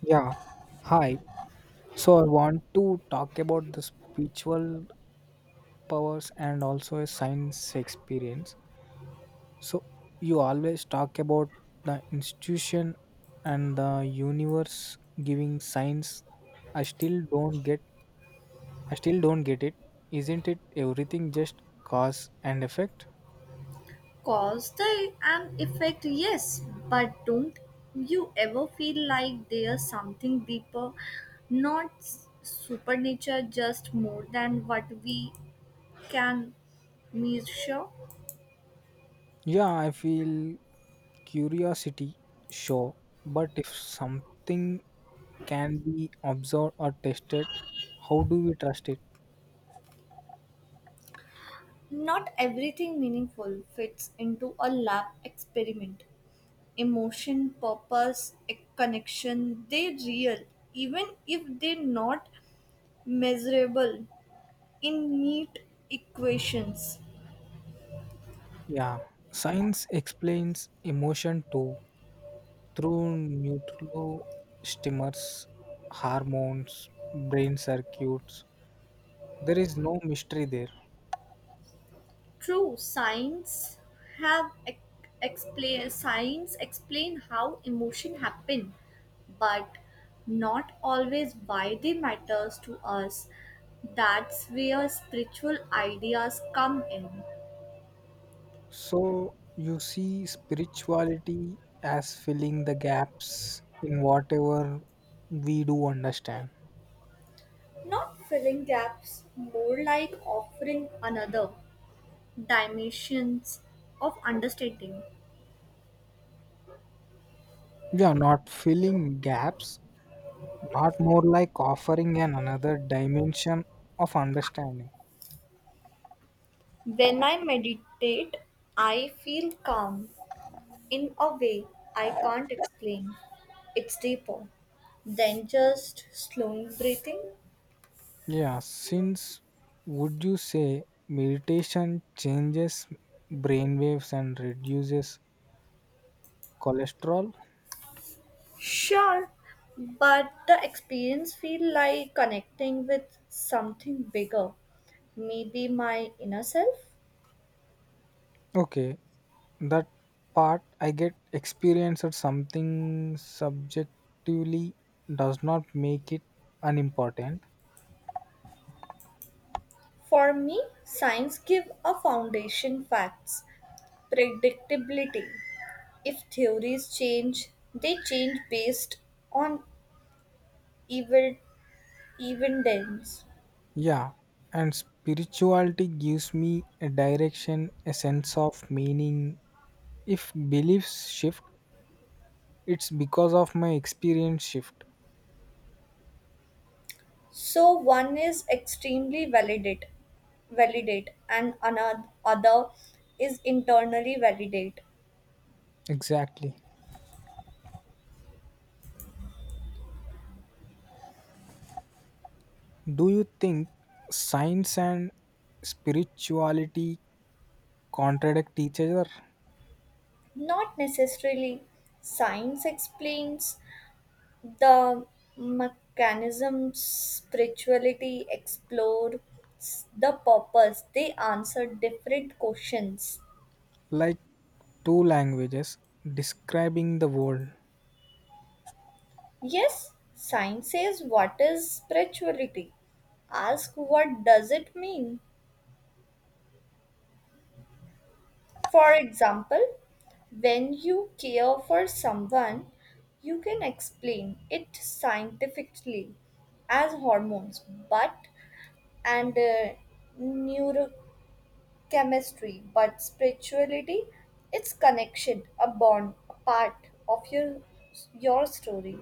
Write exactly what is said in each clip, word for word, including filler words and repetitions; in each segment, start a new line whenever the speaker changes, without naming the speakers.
Yeah, hi. So I want to talk about the spiritual powers and also a science experience. So you always talk about the institution and the universe giving science. I still don't get I still don't get it. Isn't it everything just cause and effect?
Cause they and effect, yes, but don't you ever feel like there's something deeper, not s- supernature, just more than what we can measure?
Yeah, I feel curiosity, sure. But if something can be observed or tested, how do we trust it?
Not everything meaningful fits into a lab experiment. Emotion, purpose, a connection, they real, even if they're not measurable in neat equations.
Yeah, science explains emotion too through neurostimulators, hormones, brain circuits. There is no mystery there.
True, science have ex- explain science explain how emotion happen, but not always why they matters to us. That's where spiritual ideas come in.
So you see spirituality as filling the gaps in whatever we do understand.
Not filling gaps, more like offering another dimensions of understanding.
Yeah, not filling gaps, not more like offering an another dimension of understanding.
When I meditate, I feel calm in a way, I can't explain. It's deeper than just slowing breathing.
Yeah, since would you say meditation changes brainwaves and reduces cholesterol?
Sure, but the experience feel like connecting with something bigger. Maybe my inner self.
Okay, that part I get experienced something subjectively does not make it unimportant.
For me, science give a foundation facts, predictability. If theories change, they change based on evil evidence.
Yeah, and spirituality gives me a direction, a sense of meaning. If beliefs shift, it's because of my experience shift.
So one is extremely validate, validate, and another other is internally validate.
Exactly. Do you think science and spirituality contradict each other?
Not necessarily. Science explains the mechanisms. Spirituality explores the purpose. They answer different questions.
Like two languages describing the world.
Yes, science says what is spirituality. Ask what does it mean. For example, when you care for someone, you can explain it scientifically as hormones, but and uh, neurochemistry, but spirituality, it's connection, a bond, a part of your your story.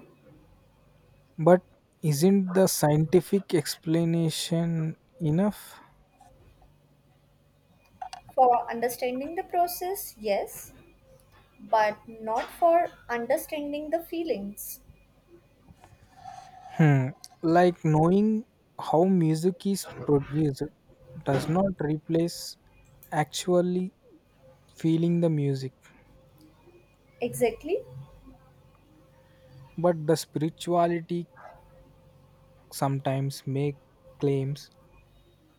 But isn't the scientific explanation enough?
For understanding the process, yes, but not for understanding the feelings.
Hmm. Like knowing how music is produced does not replace actually feeling the music.
Exactly.
But the spirituality sometimes make claims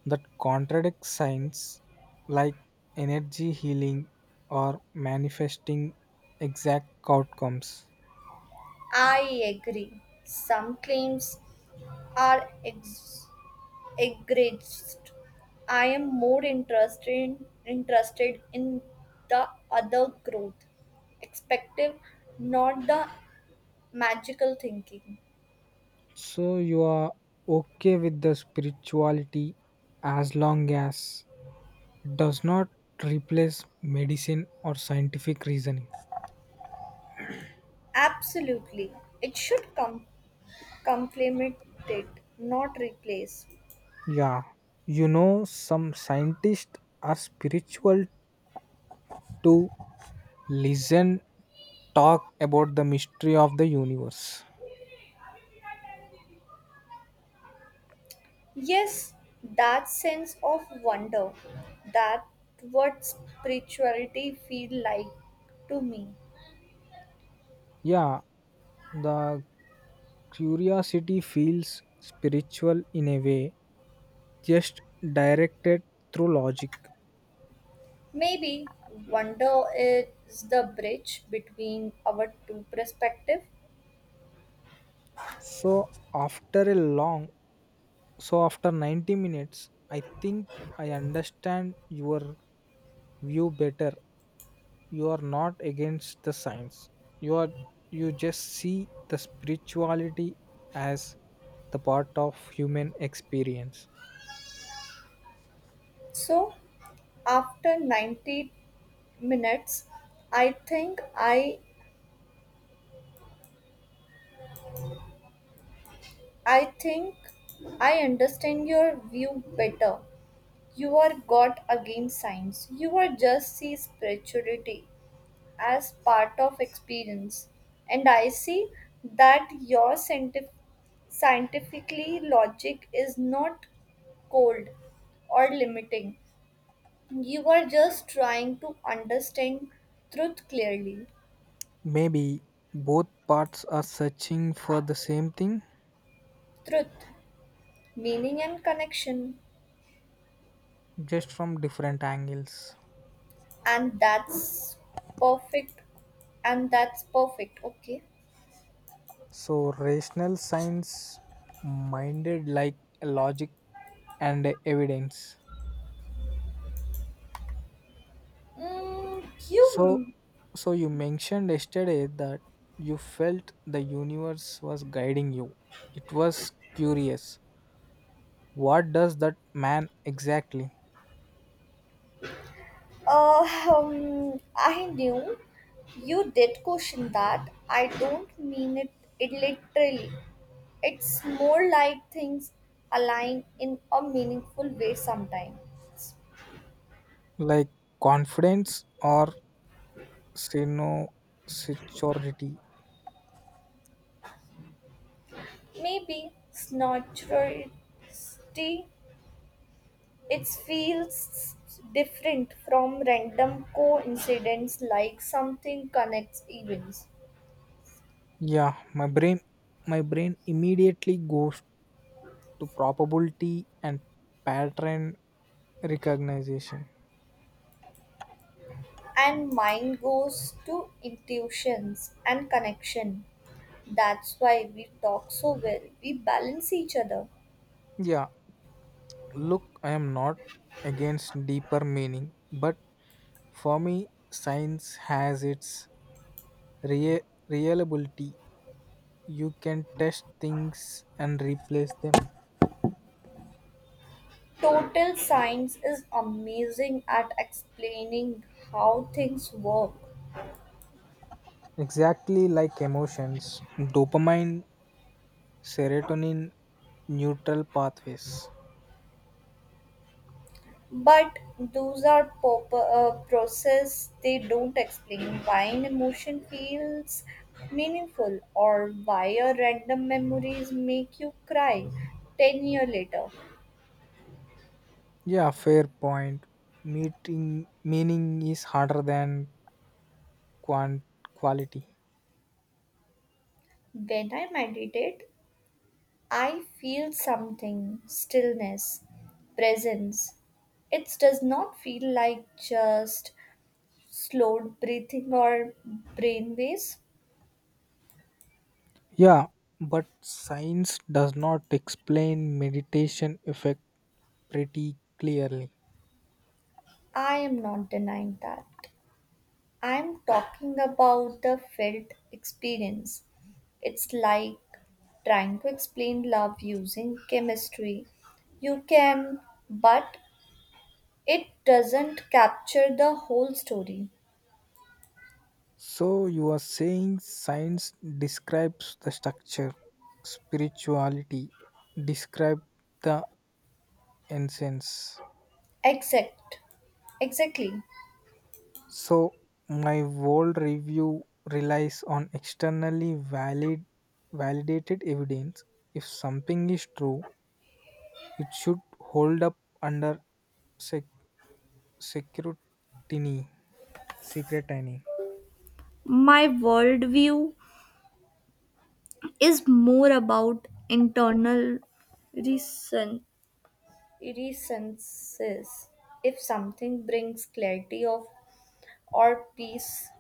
that contradict science, like energy healing or manifesting exact outcomes.
I agree. Some claims are ex- egregious. I am more interested interested in the other growth, expective, not the magical thinking.
So you are okay with the spirituality as long as it does not replace medicine or scientific reasoning.
Absolutely, it should com- complement it, not replace.
Yeah, you know, some scientists are spiritual to listen, talk about the mystery of the universe.
Yes, that sense of wonder, that what spirituality feel like to me.
Yeah, the Curiosity feels spiritual in a way, just directed through logic.
Maybe wonder is the bridge between our two perspectives.
So after a long, so after ninety minutes, I think I understand your view better. You are not against the science. You are you just see the spirituality as the part of human experience.
So after ninety minutes, I think I I think I understand your view better. You are God against science. You are just see spirituality as part of experience. And I see that your scientific scientifically logic is not cold or limiting. You were just trying to understand truth clearly.
Maybe both parts are searching for the same thing
Truth, meaning and connection.
just from different angles.
And that's perfect. And that's perfect, okay?
So, rational science minded like logic and evidence.
Mm,
So,
you,
so you mentioned yesterday that you felt the universe was guiding you. It was curious. What does that man exactly?
uh, um, I knew you did question that. I don't mean it, it literally. It's more like things align in a meaningful way sometimes.
Like confidence or sincerity?
Maybe snorty. It feels different from random coincidence like something connects events.
Yeah, my brain, my brain immediately goes to probability and pattern recognition.
And mind goes to intuitions and connection. That's why we talk so well. We balance each other.
Yeah, look, I am not against deeper meaning, but for me, science has its rea- reliability. You can test things and replace them.
Total science is amazing at explaining how things work.
Exactly like emotions, dopamine, serotonin, neutral pathways.
But those are pop- uh, process they don't explain why an emotion feels meaningful or why a random memories make you cry ten year later.
Yeah, fair point. Meeting meaning is harder than quant- quality.
When I meditate, I feel something, stillness, presence. It does not feel like just slowed breathing or brain waves.
Yeah, but science does not explain meditation effect pretty clearly.
I am not denying that. I'm talking about the felt experience. It's like trying to explain love using chemistry. You can, but it doesn't capture the whole story.
So you are saying science describes the structure, spirituality, describe the essence.
Exact. Exactly.
So my world review relies on externally valid validated evidence. If something is true, it should hold up under sec- security, secretiny.
My worldview is more about internal reason reasons. If something brings clarity of or peace,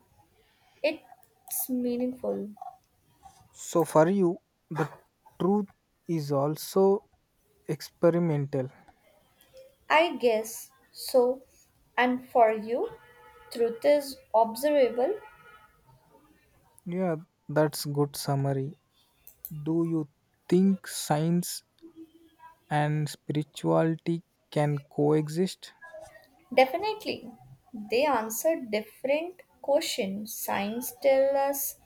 it's meaningful.
So for you, the truth is also experimental.
I guess so. And for you, truth is observable?
Yeah, that's good summary. Do you think science and spirituality can coexist?
Definitely. They answer different questions. Science tells us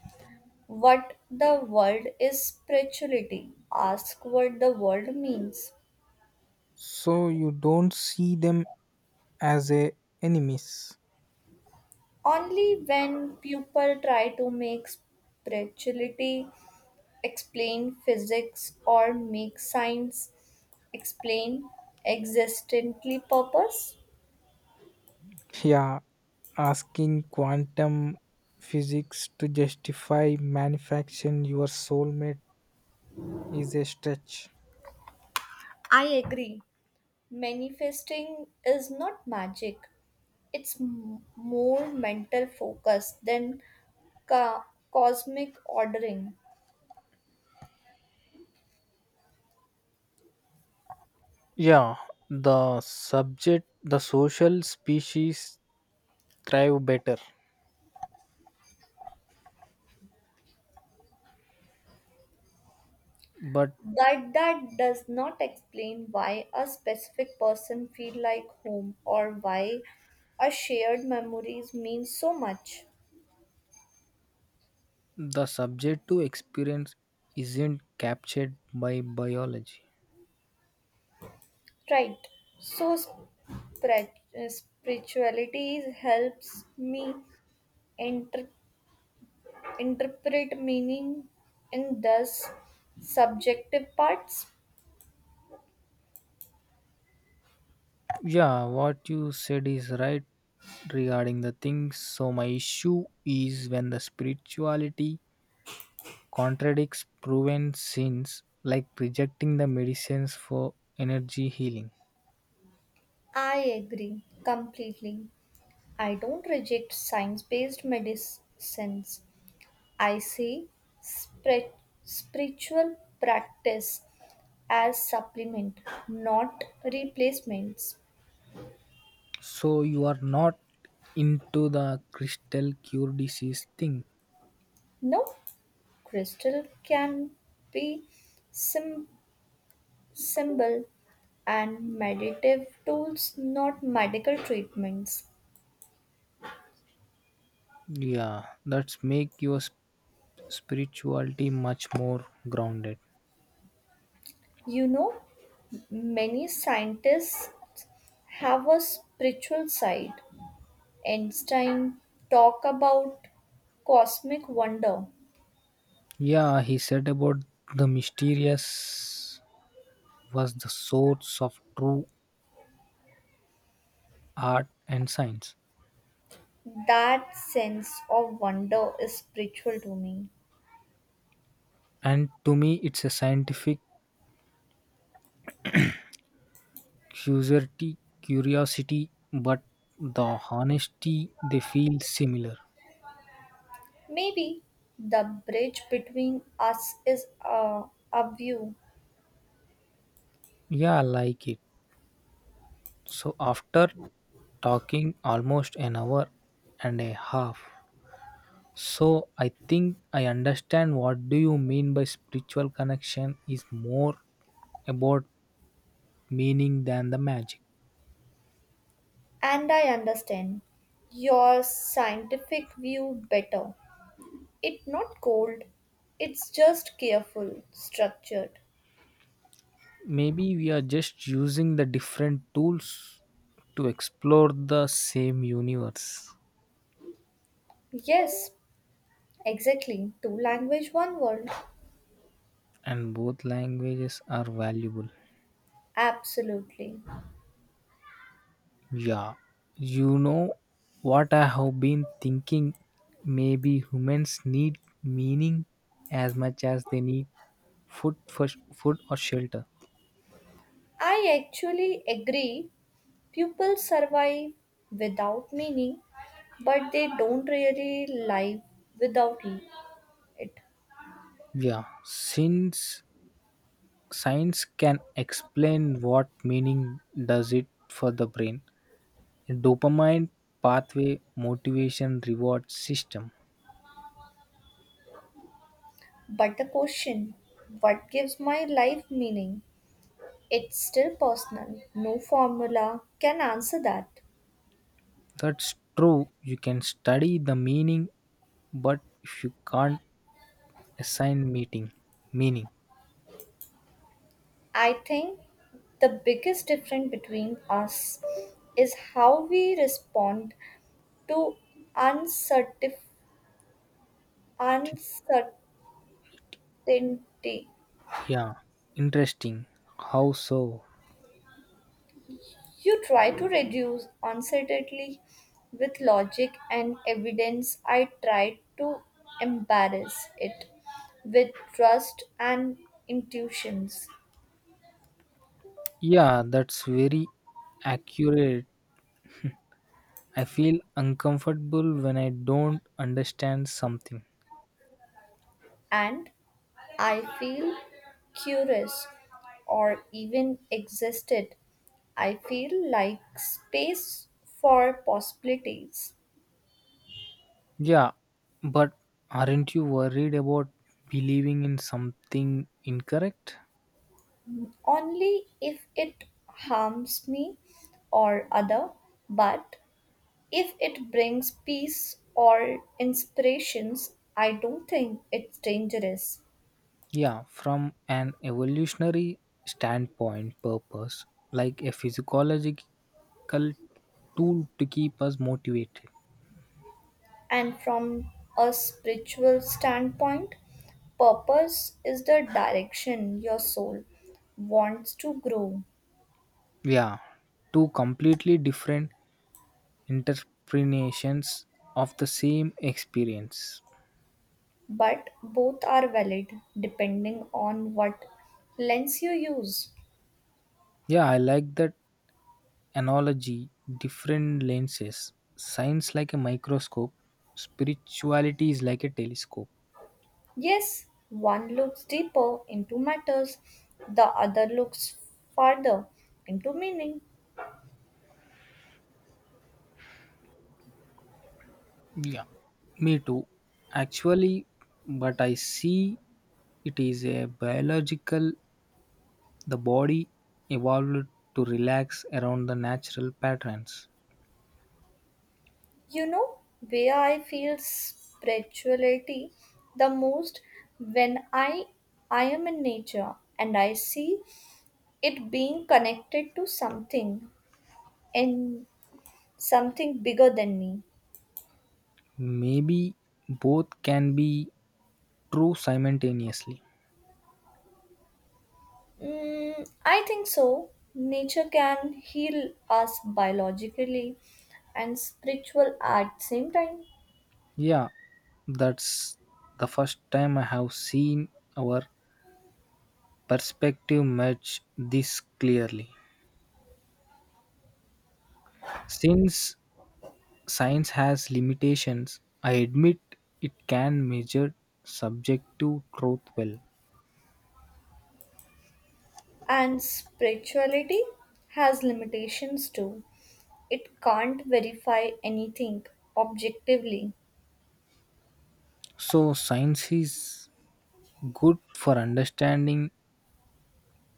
what the world is spirituality. Ask what the world means.
So you don't see them as a enemies.
Only when people try to make spirituality explain physics or make science explain existently purpose.
Yeah, asking quantum physics to justify manufacturing your soulmate is a stretch.
I agree. Manifesting is not magic, it's m- more mental focus than ca- cosmic ordering.
Yeah, the subject, the social species thrive better, but
But that does not explain why a specific person feel like home or why a shared memories mean so much.
the subject to experience isn't captured by biology.
Right. So spri- uh, spirituality helps me inter- interpret meaning in thus subjective parts.
Yeah, what you said is right regarding the things. So, my issue is when the spirituality contradicts proven sins, like rejecting the medicines for energy healing.
I agree completely. I don't reject science based medicines. I see spri- spiritual practice as supplement, not replacements.
So, you are not into the crystal cure disease thing.
No crystal can be sim- symbol and meditative tools, not medical treatments.
Yeah, that's make your sp- spirituality much more grounded.
You know, many scientists have a spiritual side. Einstein talk about cosmic wonder.
Yeah, he said about the mysterious was the source of true art and science.
That sense of wonder is spiritual to me.
And to me, it's a scientific curiosity, curiosity, but the honesty they feel similar.
Maybe the bridge between us is a, a view,
Yeah, I like it. So after talking almost an hour and a half, so I think I understand what do you mean by spiritual connection is more about meaning than the magic.
and I understand your scientific view better. It's not cold, it's just careful, structured.
Maybe we are just using the different tools to explore the same universe
Yes, exactly. Two language, one world.
and both languages are valuable.
Absolutely.
Yeah. You know what I have been thinking maybe humans need meaning as much as they need food for food or shelter.
I actually agree. Pupils survive without meaning, but they don't really live without it.
Yeah, since science can explain what meaning does it for the brain dopamine pathway motivation reward system.
But the question, what gives my life meaning? It's still personal. No formula can answer that.
That's true, you can study the meaning but if you can't assign meaning, meaning
I think the biggest difference between us is how we respond to uncertif- uncertainty.
yeah interesting how so.
You try to reduce uncertainty with logic and evidence. I try to embarrass it with trust and intuitions.
Yeah, that's very accurate, I feel uncomfortable when I don't understand something.
And I feel curious or even existed. I feel like space for possibilities
Yeah, but aren't you worried about believing in something incorrect?
only if it harms me or other but if it brings peace or inspirations, I don't think it's dangerous.
Yeah, from an evolutionary standpoint, purpose, like a physiological tool to keep us motivated.
And from a spiritual standpoint, purpose is the direction your soul wants to grow,
Yeah, two completely different interpretations of the same experience.
but both are valid depending on what lens you use.
Yeah, I like that analogy, different lenses, science like a microscope, spirituality is like a telescope.
Yes, one looks deeper into matters, the other looks farther into meaning.
Yeah. Me too. Actually, but I see it is a biological, the body evolved to relax around the natural patterns.
You know where I feel spirituality the most? When I I am in nature and I see it being connected to something and something bigger than me.
Maybe both can be true simultaneously.
Mm, I think so. Nature can heal us biologically and spiritual at the same time.
Yeah, that's the first time I have seen our perspective much this clearly. Since science has limitations, I admit it can measure subjective truth well.
And spirituality has limitations too. It can't verify anything objectively.
So, science is good for understanding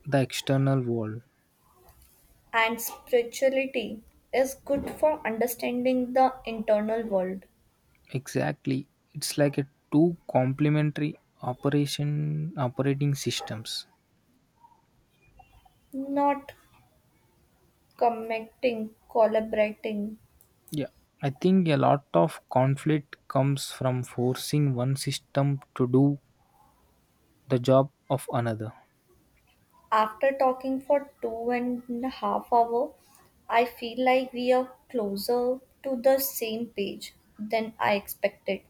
the external world.
And spirituality is good for understanding the internal world,
Exactly. It's like a two complementary operation operating systems.
not commenting, collaborating.
Yeah. I think a lot of conflict comes from forcing one system to do the job of another.
After talking for two and a half hour, I feel like we are closer to the same page than I expected.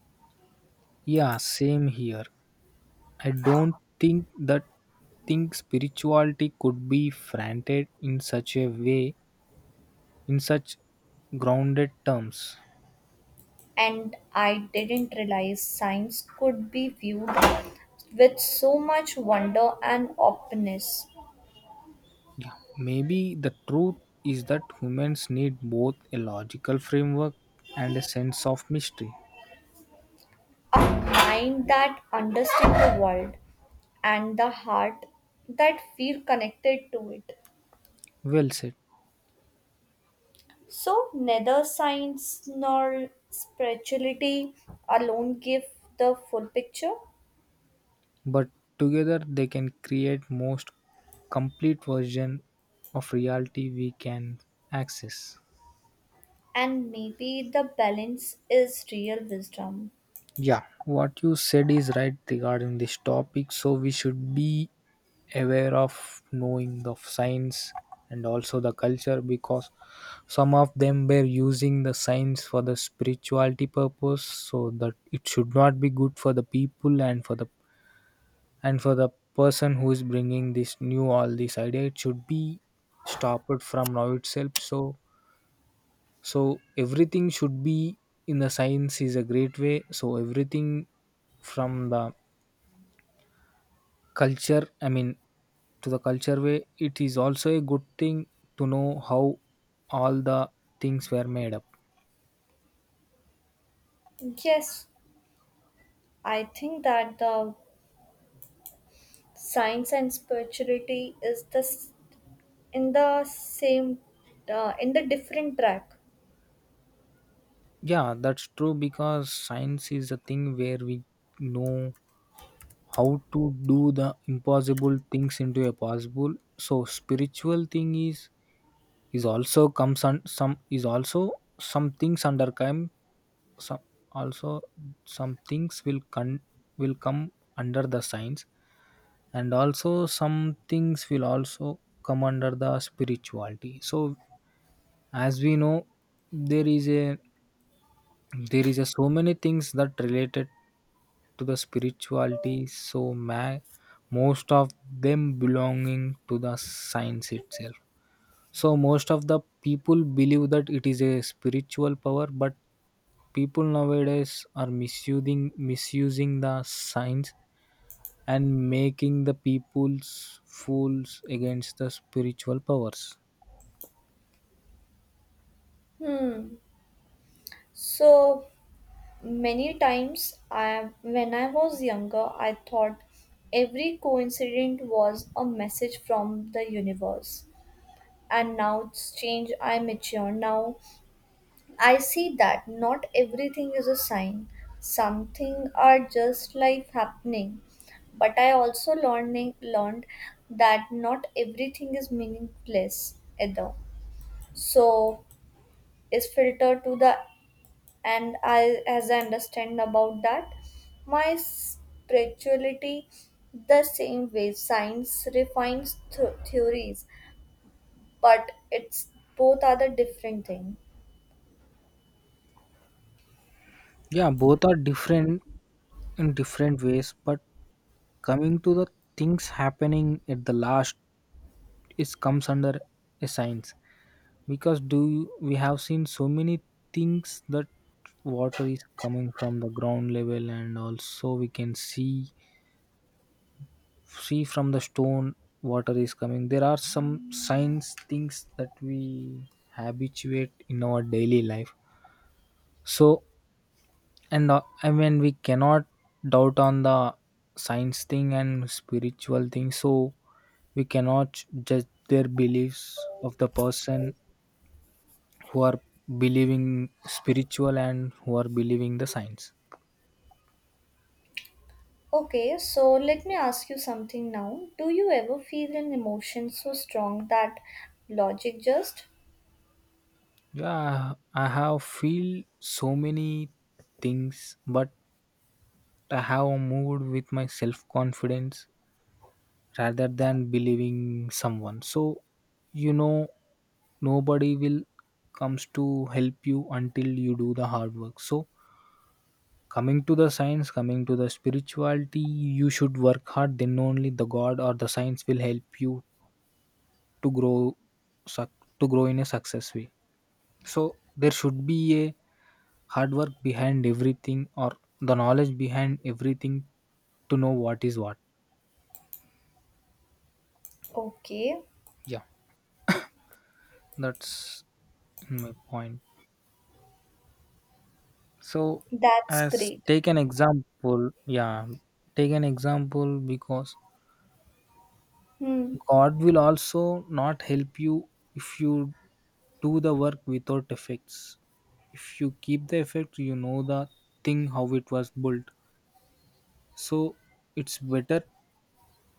Yeah, same here. I don't think that think spirituality could be framed in such a way, in such grounded terms.
And I didn't realize science could be viewed with so much wonder and openness.
Yeah, maybe the truth is that humans need both a logical framework and a sense of mystery.
A mind that understands the world and the heart that feel connected to it.
Well said.
So, neither science nor spirituality alone give the full picture,
But together they can create most complete version of reality we can access.
and maybe the balance is real wisdom.
Yeah, what you said is right regarding this topic. So we should be aware of knowing the science and also the culture because some of them were using the science for the spirituality purpose so that it should not be good for the people and for the and for the person who is bringing this new all this idea it should be stopped from now itself so so everything should be in the science is a great way. So everything from the culture, I mean, to the culture way, it is also a good thing to know how all the things were made up.
Yes, I think that the science and spirituality is the s- in the same uh, in the different track.
Yeah, that's true because science is a thing where we know how to do the impossible things into a possible so spiritual thing is is also comes on some is also some things under come some also some things will con- will come under the science and also some things will also come under the spirituality so as we know there is a there is a so many things that related to the spirituality so ma- most of them belonging to the science itself so most of the people believe that it is a spiritual power, but people nowadays are misusing misusing the signs and making the people's fools against the spiritual powers.
So many times I, when I was younger, I thought every coincidence was a message from the universe. And now it's changed, I mature. Now I see that not everything is a sign. Something are just life happening. But I also learning learned that not everything is meaningless either. So is filtered to the and I, as I understand about that, my spirituality the same way. Science refines th- theories, but it's both are the different thing.
Yeah, both are different in different ways, but coming to the things happening at the last it comes under a science. Because do you- we have seen so many things that water is coming from the ground level and also we can see see from the stone water is coming, there are some signs things that we habituate in our daily life so and uh, I mean we cannot doubt on the science thing and spiritual thing so we cannot judge their beliefs of the person who are believing spiritual and who are believing the science.
Okay, so let me ask you something now. Do you ever feel an emotion so strong that logic just
Yeah, I have feel so many things but I have moved with my self confidence rather than believing someone so you know nobody will comes to help you until you do the hard work so coming to the science coming to the spirituality you should work hard then only the god or the science will help you to grow suc- to grow in a success way so there should be a hard work behind everything or the knowledge behind everything to know what is what.
okay?
Yeah, that's my point so
That's
as
great.
take an example yeah take an example because
Hmm.
god will also not help you if you do the work without effects if you keep the effect you know the thing how it was built. So it's better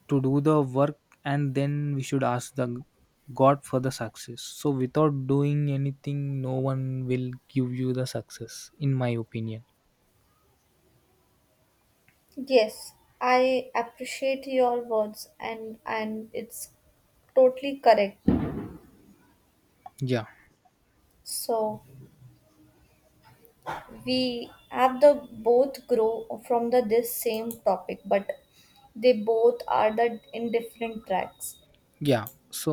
to do the work and then we should ask the God for the success. So without doing anything, no one will give you the success, in my opinion.
Yes, I appreciate your words and and it's totally correct.
Yeah,
So we have the both grow from the this same topic but they both are the in different tracks.
yeah. So